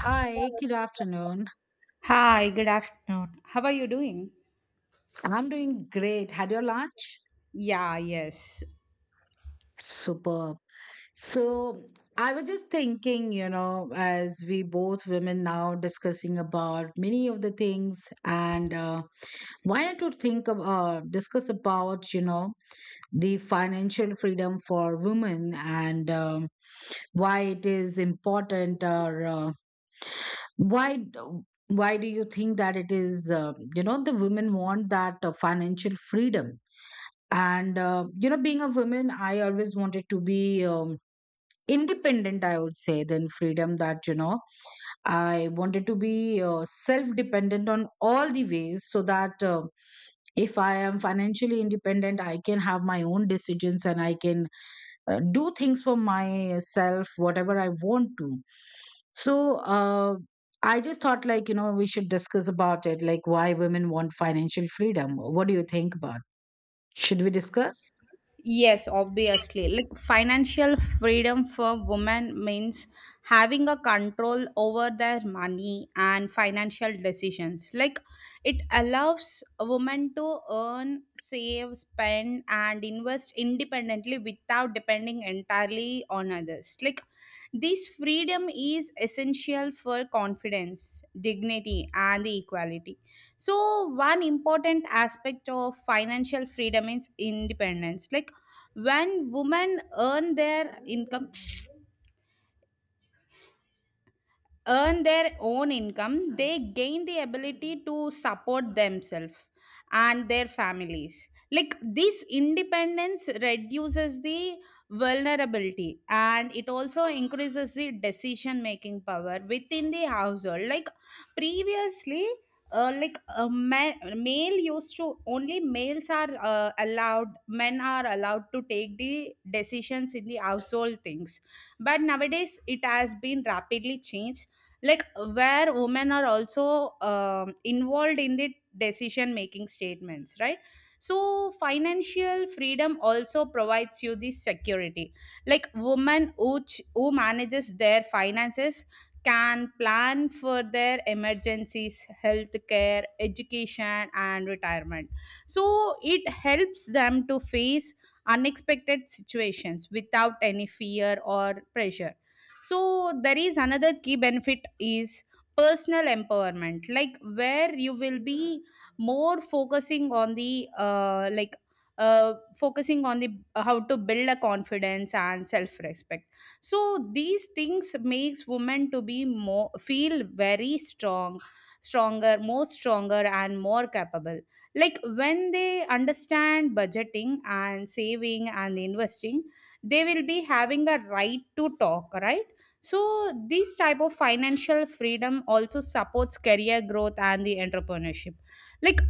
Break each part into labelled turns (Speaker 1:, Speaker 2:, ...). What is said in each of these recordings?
Speaker 1: Hi, good afternoon.
Speaker 2: Hi, good afternoon. How are you doing?
Speaker 1: I'm doing great. Had your lunch?
Speaker 2: Yeah, yes.
Speaker 1: Superb. So, I was just thinking, as we both women now discussing about many of the things, and why not to think of discuss about, the financial freedom for women and why it is important, or why do- why do you think that it is, the women want that financial freedom? And being a woman, I always wanted to be independent, I would say, than freedom, that I wanted to be self dependent on all the ways, so that if I am financially independent, I can have my own decisions, and I can do things for myself, whatever I want to. So I just thought, like we should discuss about it, like why women want financial freedom. What do you think about? Should we discuss?
Speaker 2: Yes, obviously. Financial freedom for women means having a control over their money and financial decisions. It allows a woman to earn, save, spend, and invest independently without depending entirely on others. This freedom is essential for confidence, dignity, and the equality. So one important aspect of financial freedom is independence, like when women earn their own income, they gain the ability to support themselves and their families. Like this independence reduces the vulnerability, and it also increases the decision making power within the household. Like previously, male used to only males are allowed, men are allowed to take the decisions in the household things, but nowadays it has been rapidly changed, like where women are also involved in the decision making statements, right? So financial freedom also provides you the security, like women who manages their finances can plan for their emergencies, healthcare, education, and retirement. So it helps them to face unexpected situations without any fear or pressure. So there is another key benefit is personal empowerment, like where you will be more focusing on the like focusing on the how to build a confidence and self respect. So these things makes women to be more feel very stronger, more stronger and more capable. Like when they understand budgeting and saving and investing, they will be having a right to talk, right? So this type of financial freedom also supports career growth and the entrepreneurship, like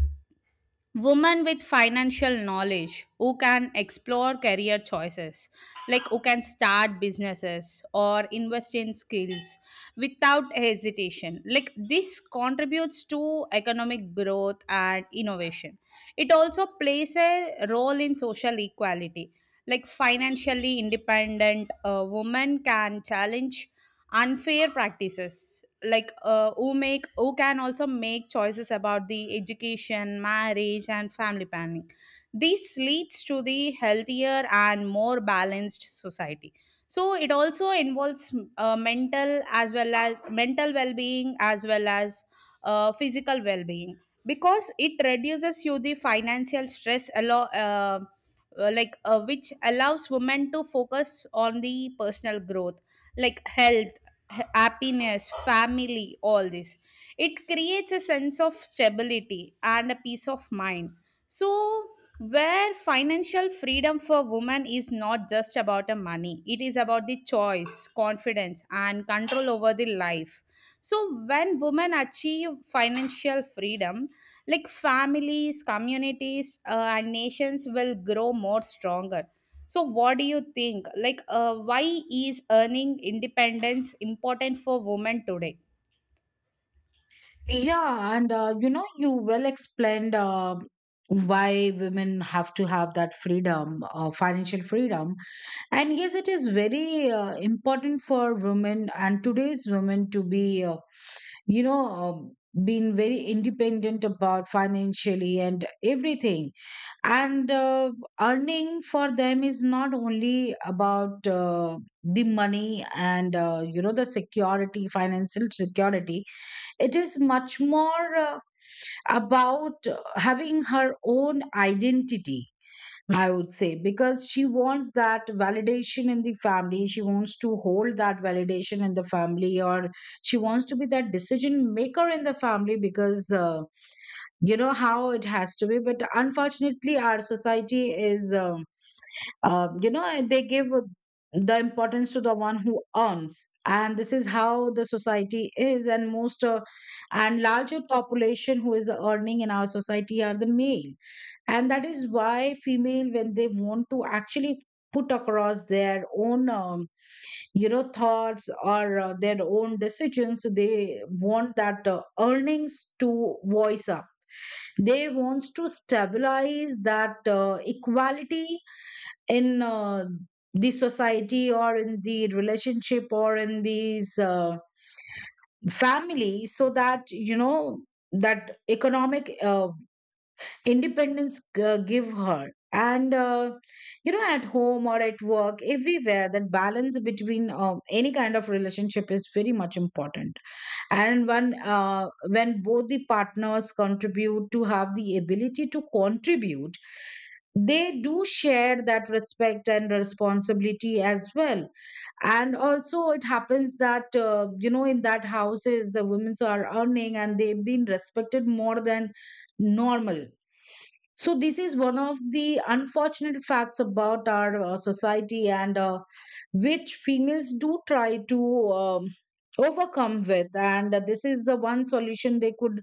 Speaker 2: women with financial knowledge who can explore career choices, like who can start businesses or invest in skills without hesitation. Like this contributes to economic growth and innovation. It also plays a role in social equality, like financially independent women can challenge unfair practices, like who can also make choices about the education, marriage, and family planning. This leads to the healthier and more balanced society. So it also involves mental well-being as well as physical well-being, because it reduces you the financial stress a lot, which allows women to focus on the personal growth, like health, happiness, family, all this. It creates a sense of stability and a peace of mind. So where financial freedom for women is not just about the money, it is about the choice, confidence, and control over the life. So when women achieve financial freedom, like families, communities, and nations will grow more stronger. So what do you think, why is earning independence important for women today?
Speaker 1: Yeah, and you well explained why women have to have that freedom, financial freedom. And yes, it is very important for women and today's women to be, you know, um being very independent about financially and everything. And earning for them is not only about the money and, the security, financial security. It is much more about having her own identity, I would say, because she wants that validation in the family. She wants to hold that validation in the family, or she wants to be that decision maker in the family, because you know how it has to be. But unfortunately, our society is and they give the importance to the one who earns, and this is how the society is. And most and larger population who is earning in our society are the male. And that is why female, when they want to actually put across their own thoughts, or their own decisions, they want that earnings to voice up. They wants to stabilize that equality in the society, or in the relationship, or in these family, so that that economic independence give her, and at home or at work, everywhere that balance between any kind of relationship is very much important. And when both the partners contribute, to have the ability to contribute, they do share that respect and responsibility as well. And also it happens that in that houses the women are earning and they've been respected more than normal. So this is one of the unfortunate facts about our society, and which females do try to overcome with, and this is the one solution they could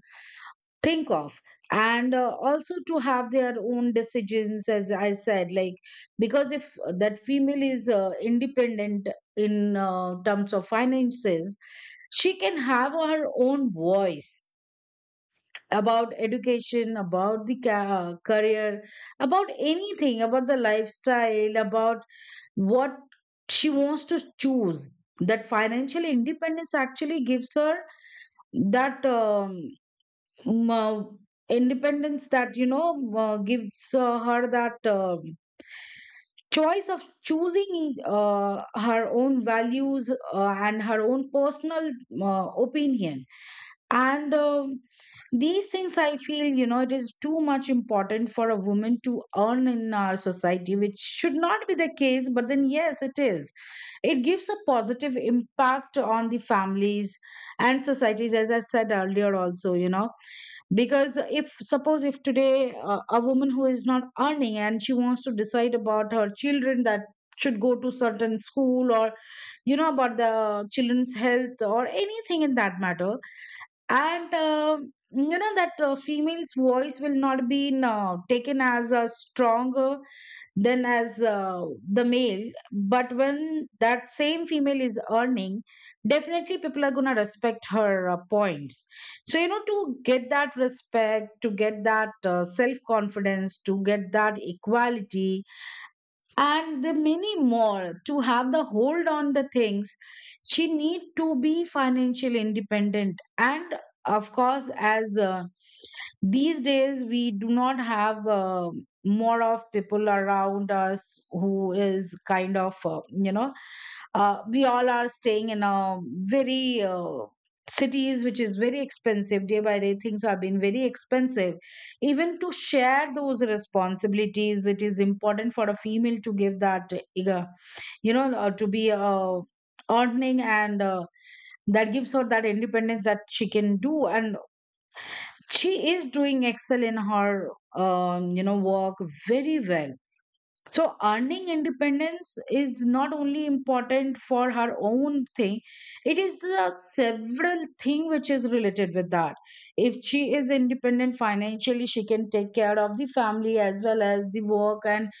Speaker 1: think of, and also to have their own decisions, as I said, like because if that female is independent in terms of finances, she can have her own voice about education, about the career, about anything, about the lifestyle, about what she wants to choose. That financial independence actually gives her that um, uh, independence that, gives her that choice of choosing her own values, and her own personal opinion. And these things, I feel, it is too much important for a woman to earn in our society, which should not be the case, but then yes, it is. It gives a positive impact on the families and societies, as I said earlier also. Because if suppose, if today a woman who is not earning and she wants to decide about her children, that should go to certain school, or about the children's health or anything in that matter. And that female's voice will not be taken as stronger than as the male. But when that same female is earning, definitely people are going to respect her points. So to get that respect, to get that self confidence, to get that equality, and the many more, to have the hold on the things, she need to be financially independent. And of course, as these days we do not have more of people around us who is kind of we all are staying in a very cities which is very expensive. Day by day things have been very expensive. Even to share those responsibilities, it is important for a female to give that, uh, to be earning, and that gives her that independence, that she can do, and she is doing excel in her work very well. So, earning independence is not only important for her own thing, it is the several thing which is related with that. If she is independent financially, she can take care of the family as well as the work. And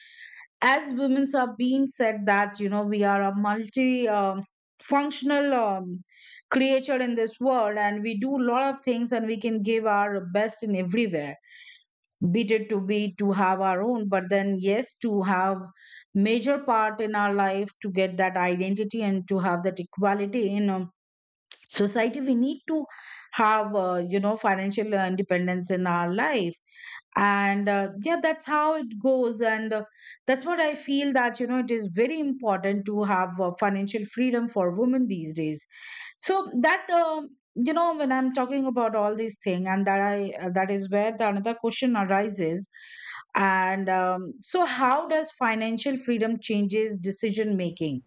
Speaker 1: as women are being said that, we are a multi functional creature in this world, and we do a lot of things, and we can give our best in everywhere, be it to have our own, but then yes, to have major part in our life, to get that identity and to have that equality in a society, we need to have financial independence in our life. And yeah, that's how it goes, and that's what I feel, that it is very important to have financial freedom for women these days, so that when I'm talking about all these thing, and that I that is where the another question arises. And so how does financial freedom changes decision making?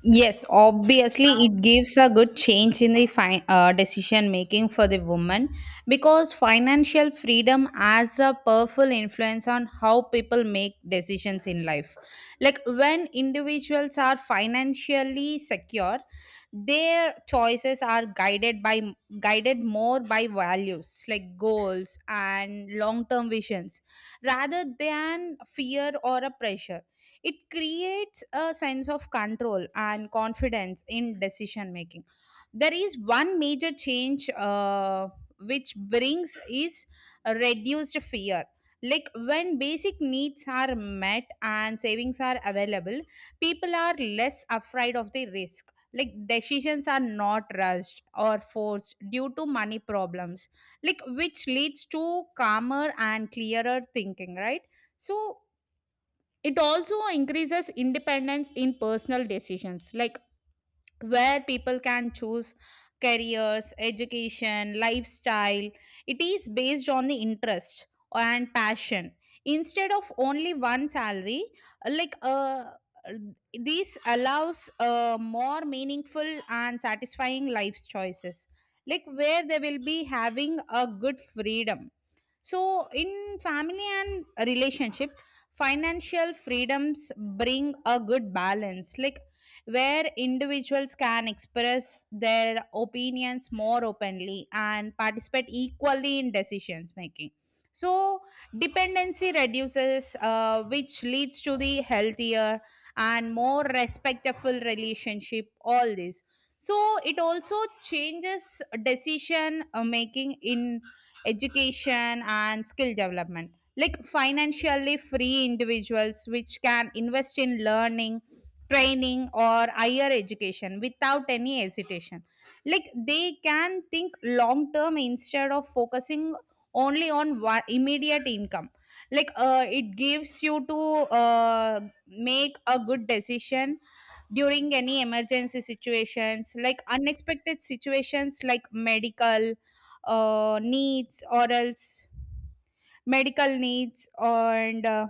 Speaker 2: Yes, obviously, it gives a good change in the decision making for the woman, because financial freedom has a powerful influence on how people make decisions in life. Like when individuals are financially secure, their choices are guided more by values like goals and long term visions, rather than fear or a pressure. It creates a sense of control and confidence in decision making. There is one major change which brings is a reduced fear, like when basic needs are met and savings are available, people are less afraid of the risk. Like decisions are not rushed or forced due to money problems, like which leads to calmer and clearer thinking, right? So it also increases independence in personal decisions, like where people can choose careers, education, lifestyle. It is based on the interest and passion instead of only one salary. Like uh, this allows more meaningful and satisfying life choices, like where they will be having a good freedom. So in family and relationship, financial freedoms bring a good balance, like where individuals can express their opinions more openly and participate equally in decisions making. So, dependency reduces, which leads to the healthier and more respectful relationship. All this. So, it also changes decision making in education and skill development. Like financially free individuals, which can invest in learning, training, or higher education without any hesitation, like they can think long term instead of focusing only on one immediate income. It gives you to uh, make a good decision during any emergency situations, like unexpected situations like uh, needs or else medical needs, and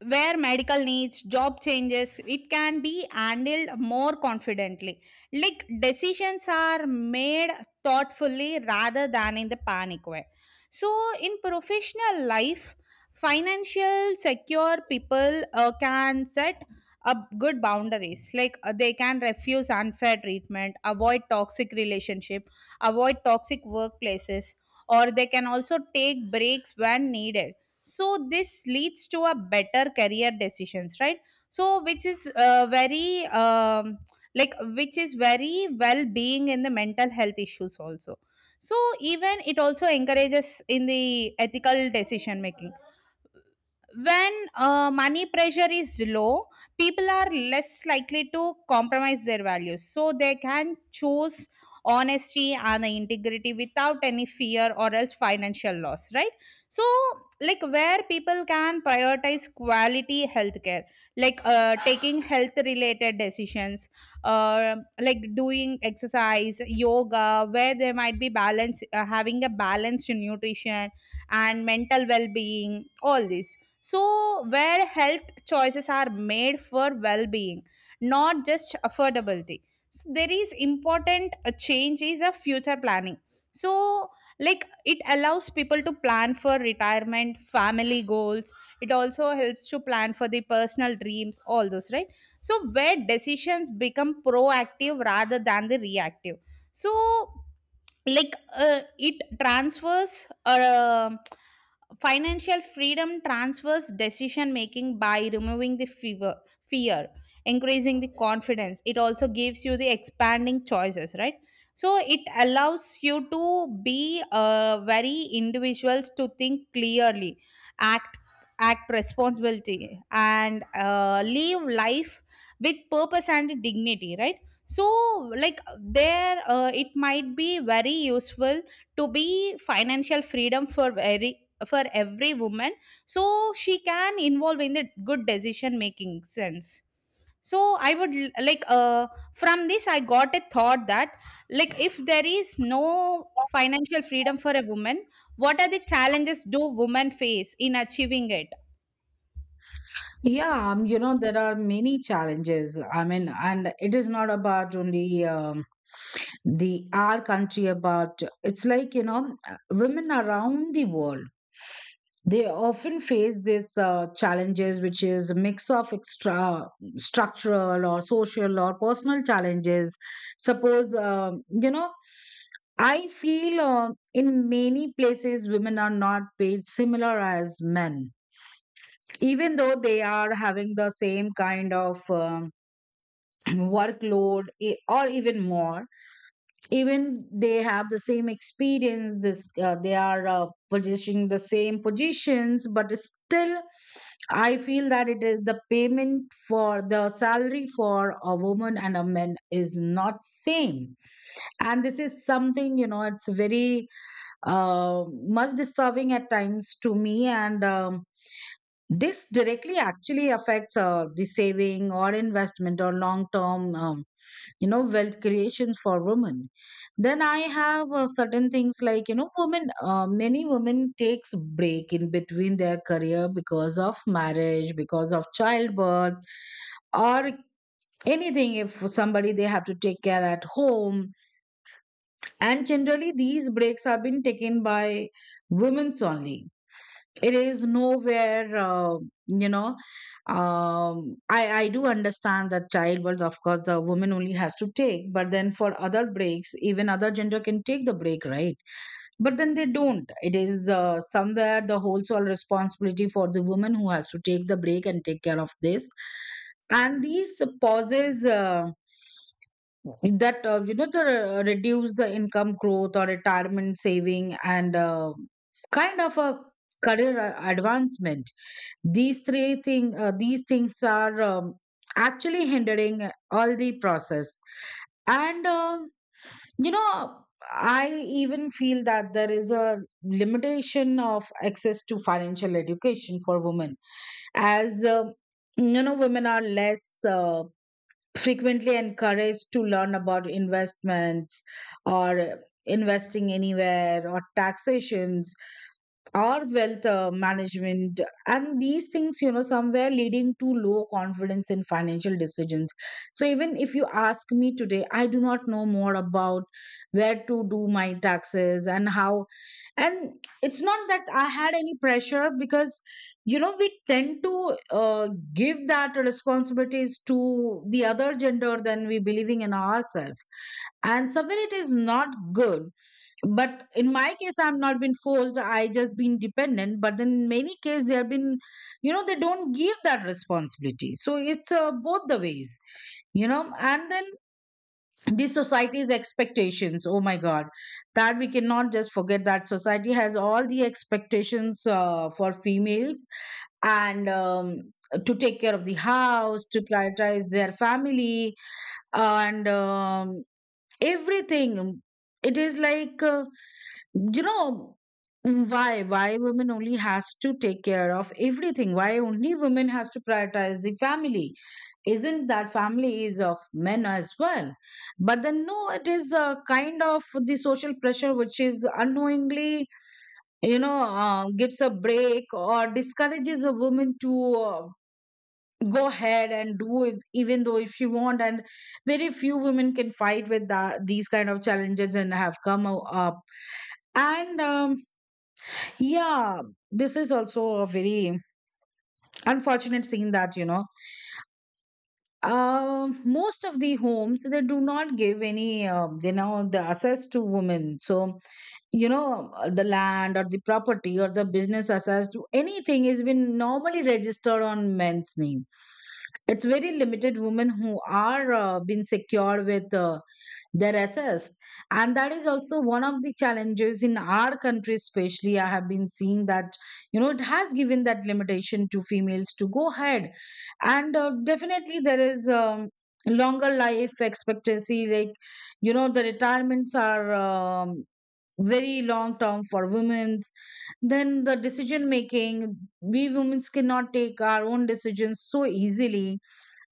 Speaker 2: where medical needs, job changes, it can be handled more confidently. Like decisions are made thoughtfully rather than in the panic way. So, in professional life, financial secure people can set up good boundaries. They can refuse unfair treatment, avoid toxic relationship, avoid toxic workplaces, or they can also take breaks when needed. So this leads to a better career decisions, right? So which is very like which is very well being in the mental health issues also. So even it also encourages in the ethical decision making. When money pressure is low, people are less likely to compromise their values, so they can choose honesty and integrity without any fear or else financial loss, right? So like where people can prioritize quality healthcare, like taking health related decisions, like doing exercise, yoga, where they might be balance having a balanced nutrition and mental well-being, all this. So, where health choices are made for well being, not just affordability. So, there is important change is a future planning. So, like it allows people to plan for retirement, family goals. It also helps to plan for the personal dreams, all those, right? So, where decisions become proactive rather than the reactive. So like it transfers financial freedom transfers decision making by removing the fear, increasing the confidence. It also gives you the expanding choices, right? So it allows you to be very individuals to think clearly, act act responsibility, and live life with purpose and dignity, right? So like there it might be very useful to be financial freedom for very for every woman, so she can involve in the good decision making sense. So I would from this I got a thought that, like if there is no financial freedom for a woman, what are the challenges do women face in achieving it?
Speaker 1: Yeah. There are many challenges, I mean, and it is not about only the our country about. It's like women around the world, they often face this challenges, which is a mix of extra structural or social or personal challenges. Suppose, I feel in many places women are not paid similar as men, even though they are having the same kind of workload, or even more. Even they have the same experience. This They are positioning the same positions, but still I feel that it is the payment, for the salary for a woman and a man is not same. And this is something, it's very uh, much disturbing at times to me, and this directly actually affects the saving or investment or long term wealth creation for women. Then I have certain things, like women many women takes break in between their career because of marriage, because of childbirth, or anything, if somebody they have to take care at home. And generally these breaks are being taken by women's only. It is nowhere, you know I do understand that childbirth of course the woman only has to take, but then for other breaks even other gender can take the break, right? But then they don't. It is somewhere the whole sole responsibility for the woman who has to take the break and take care of this. And these pauses, that the reduce the income growth or retirement saving, and kind of a career advancement. These three thing, these things are actually hindering all the process. And you know I even feel that there is a limitation of access to financial education for women, as women are less frequently encouraged to learn about investments, or investing anywhere, or taxations, or wealth management. And these things, somewhere leading to low confidence in financial decisions. So even if you ask me today, I do not know more about where to do my taxes and how. And it's not that I had any pressure, because we tend to give that responsibilities to the other gender than we believing in ourselves, and somewhere it is not good. But in my case I've not been forced, I just been dependent. But then in many cases they have been, they don't give that responsibility, so it's both the ways. And then the society's expectations, oh my god, that we cannot just forget, that society has all the expectations for females, and to take care of the house, to prioritize their family and everything. It is like, you know why women only has to take care of everything? Why only women has to prioritize the family? Isn't that family is of men as well? But then no, it is A kind of the social pressure which is unknowingly, gives a break or discourages a woman to go ahead and do if, even though if she want, and very few women can fight with that, these kind of challenges and have up. And yeah, this is also a very unfortunate scene that, most of the homes, they do not give any, the access to women. So, the land or the property or the business access to anything has been normally registered on men's name. It's very limited women who are been secured with their assess, and that is also one of the challenges in our country. Especially I have been seeing that, you know, it has given that limitation to females to go ahead. And definitely there is, longer life expectancy. Like, you know, the retirements are, very long term for women's. Then the decision making, we women cannot take our own decisions so easily.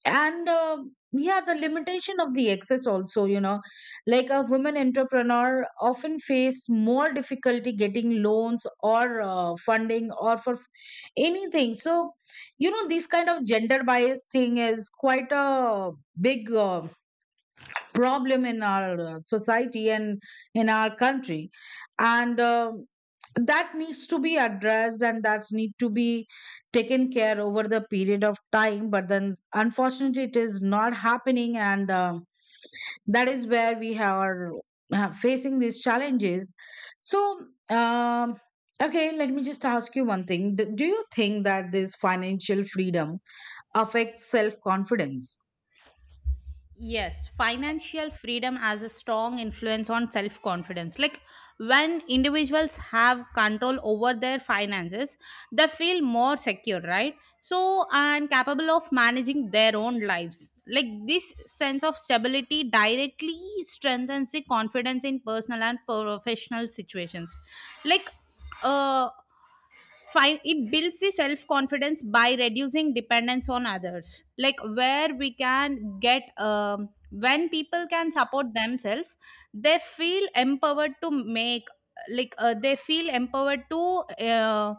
Speaker 1: And yeah, the limitation of the access also, you know, like a woman entrepreneur often face more difficulty getting loans or funding or anything. So, you know, this kind of gender bias thing is quite a big problem in our society and in our country. And that needs to be addressed and that's need to be taken care over the period of time, but then unfortunately it is not happening. And that is where we are facing these challenges. so um okay, let me just ask you one thing. Do you think that this financial freedom affects self confidence?
Speaker 2: Yes, financial freedom has a strong influence on self confidence. Like when individuals have control over their finances, they feel more secure, right? So, and capable of managing their own lives. Like this sense of stability directly strengthens the confidence in personal and professional situations. Like, uh, Fine. It builds the self confidence by reducing dependence on others, like where we can get when people can support themselves, they feel empowered to make, they feel empowered to uh,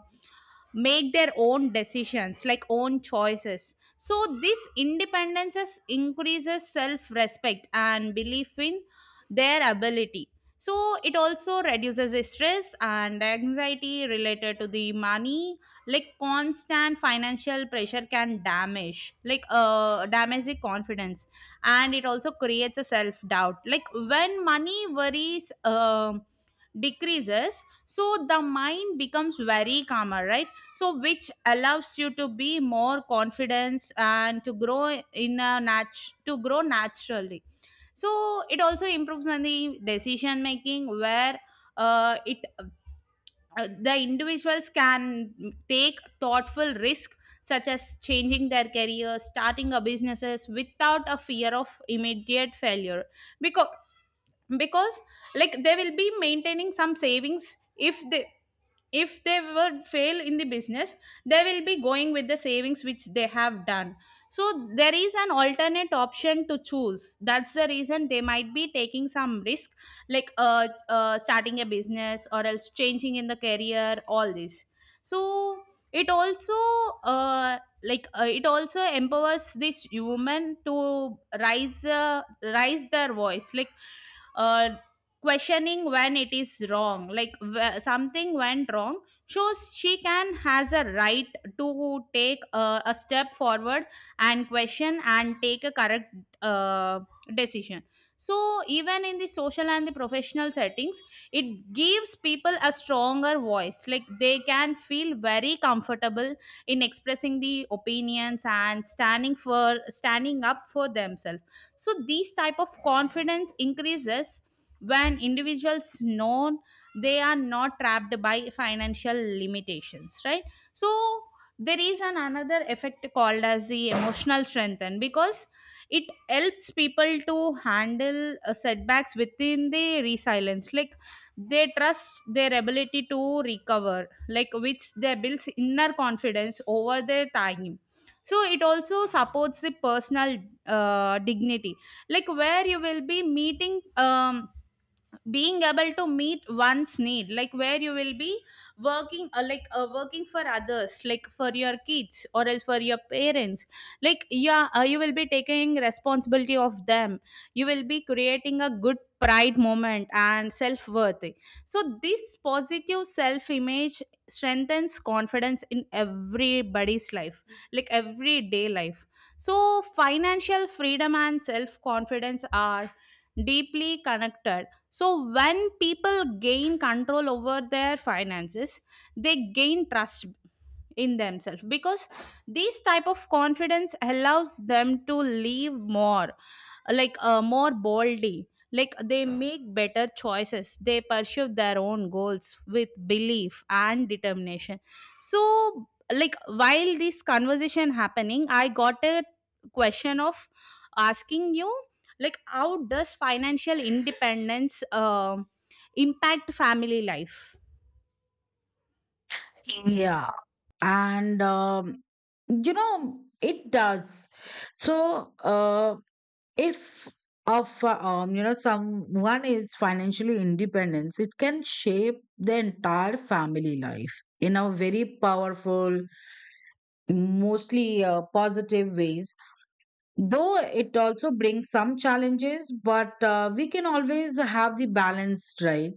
Speaker 2: make their own decisions, like own choices. So this independence increases self respect and belief in their ability. So it also reduces the stress and anxiety related to the money, like constant financial pressure can damage, like damage the confidence, and it also creates a self doubt. Like when money worries decreases, so the mind becomes very calmer, right? So which allows you to be more confidence and to grow to grow naturally. So it also improves on the decision making, where it the individuals can take thoughtful risk, such as changing their career, starting a businesses, without a fear of immediate failure, because because like they will be maintaining some savings. If they, if they were fail in the business, they will be going with the savings which they have done. So there is an alternate option to choose. That's the reason they might be taking some risk, like starting a business or else changing in the career, all this. So it also uh it also empowers this woman to rise, rise their voice, like uh, questioning when it is wrong, like something went wrong, shows she can has a right to take a step forward and question and take a correct uh, decision. So even in the social and the professional settings, it gives people a stronger voice, like they can feel very comfortable in expressing the opinions and standing up for themselves. So these type of confidence increases when individuals know they are not trapped by financial limitations, right? So there is an another effect called as the emotional strengthen, because it helps people to handle setbacks within the resilience, like they trust their ability to recover, like which they builds inner confidence over their time. So it also supports the personal dignity, like where you will be meeting being able to meet one's need, like where you will be working working for others, like for your kids or else for your parents, like yeah, you will be taking responsibility of them. You will be creating a good pride moment and self-worth. So this positive self-image strengthens confidence in everybody's life, like everyday life. So, financial freedom and self confidence are deeply connected. So, when people gain control over their finances, they gain trust in themselves, because this type of confidence allows them to live more, more boldly, like they make better choices, they pursue their own goals with belief and determination. So like while this conversation happening, I got a question of asking you, like how does financial independence impact family life?
Speaker 1: Yeah. and you know, it does. so uh, if of you know, someone is financially independence, it can shape the entire family life in a very powerful, mostly positive ways. Though it also brings some challenges, but we can always have the balance, right?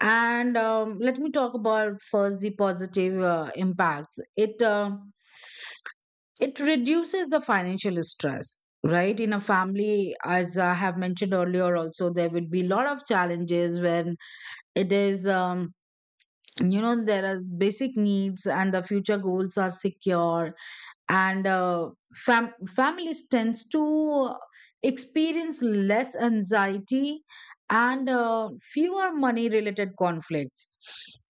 Speaker 1: and let me talk about first the positive impacts. It reduces the financial stress, right, in a family. As I have mentioned earlier also, there will be a lot of challenges when it is, you know, there are basic needs and the future goals are secure. And families tends to experience less anxiety and fewer money related conflicts.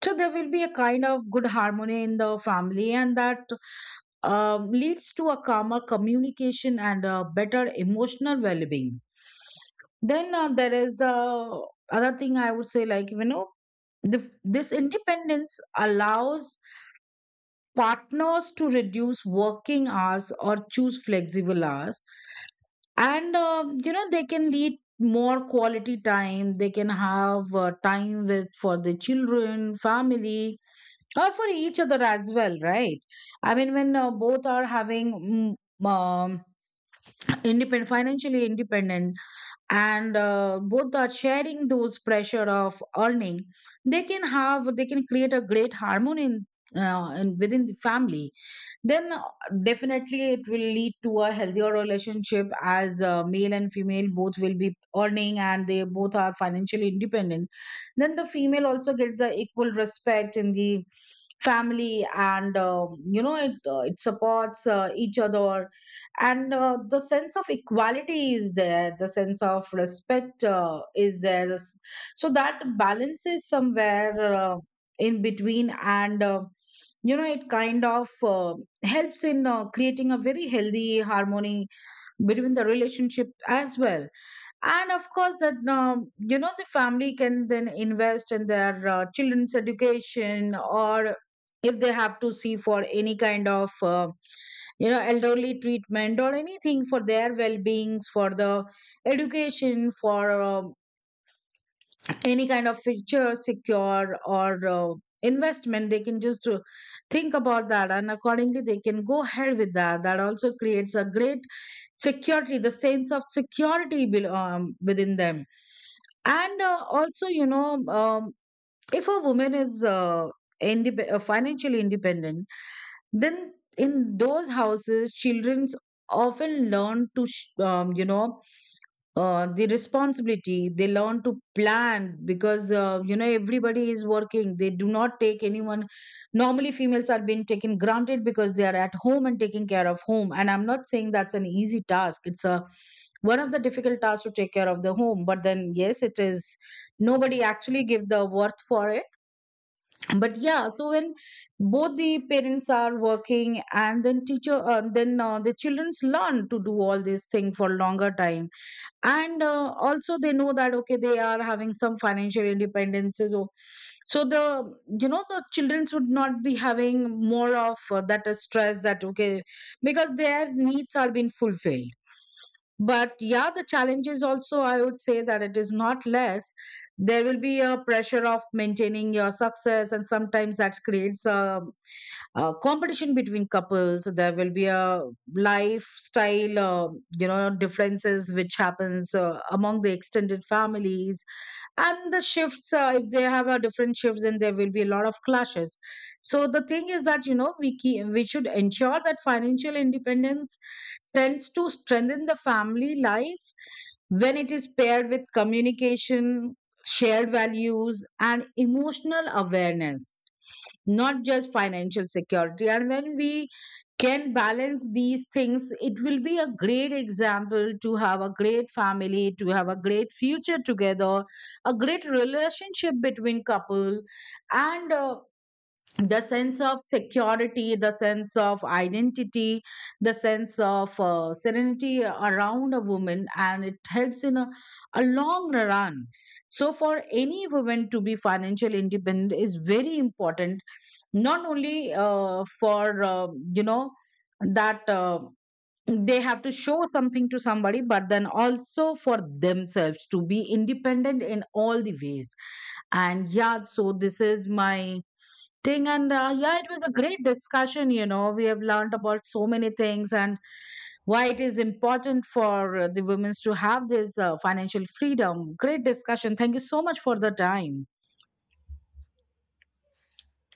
Speaker 1: So there will be a kind of good harmony in the family, and that, leads to a calmer communication and a better emotional well-being. Then there is the other thing I would say, like, you know, this independence allows partners to reduce working hours or choose flexible hours. And you know, they can lead more quality time, they can have time with for the children family or for each other as well, right? I mean, when both are having independent, financially independent, and both are sharing those pressure of earning, they can create a great harmony in within the family. Then definitely it will lead to a healthier relationship, as male and female both will be earning and they both are financially independent. Then the female also gets the equal respect in the family, and you know, it supports each other. And the sense of equality is there, the sense of respect is so that balance is somewhere in between. And you know, it kind of helps in creating a very healthy harmony between the relationship as well. And of course, that, you know, the family can then invest in their children's education, or if they have to see for any kind of, elderly treatment or anything for their well beings, for the education, for any kind of feature secure or investment, they can just think about that and accordingly they can go ahead with that. That also creates a great security, the sense of security within them. And also, you know, if a woman is financially independent, then in those houses children often learn to you know, the responsibility, they learn to plan, because, you know, everybody is working, they do not take anyone. Normally females are being taken granted because they are at home and taking care of home, and I'm not saying that's an easy task, it's a one of the difficult tasks to take care of the home, but then yes, it is, nobody actually give the worth for. But yeah, so when both the parents are working, and then teacher, the childrens learn to do all this thing for longer time. And also they know that okay, they are having some financial independences or. So the, you know, the childrens would not be having more of that stress, that okay, because their needs are being fulfilled. But yeah, the challenges also I would say that it is not less. There will be a pressure of maintaining your success, and sometimes that creates a competition between couples. There will be a lifestyle, you know, differences which happens among the extended families, and the shifts, if they have a different shifts, then there will be a lot of clashes. So the thing is that, you know, we should ensure that financial independence tends to strengthen the family life when it is paired with communication, shared values and emotional awareness, not just financial security. And when we can balance these things, it will be a great example to have a great family, to have a great future together, a great relationship between couple, and the sense of security, the sense of identity, the sense of serenity around a woman. And it helps in a long run. So, for any woman to be financially independent is very important, not only for you know, that they have to show something to somebody, but then also for themselves to be independent in all the ways. And yeah, so this is my thing. And yeah, it was a great discussion, you know, we have learned about so many things, and why it is important for the women to have this financial freedom. Great discussion, thank you so much for the time.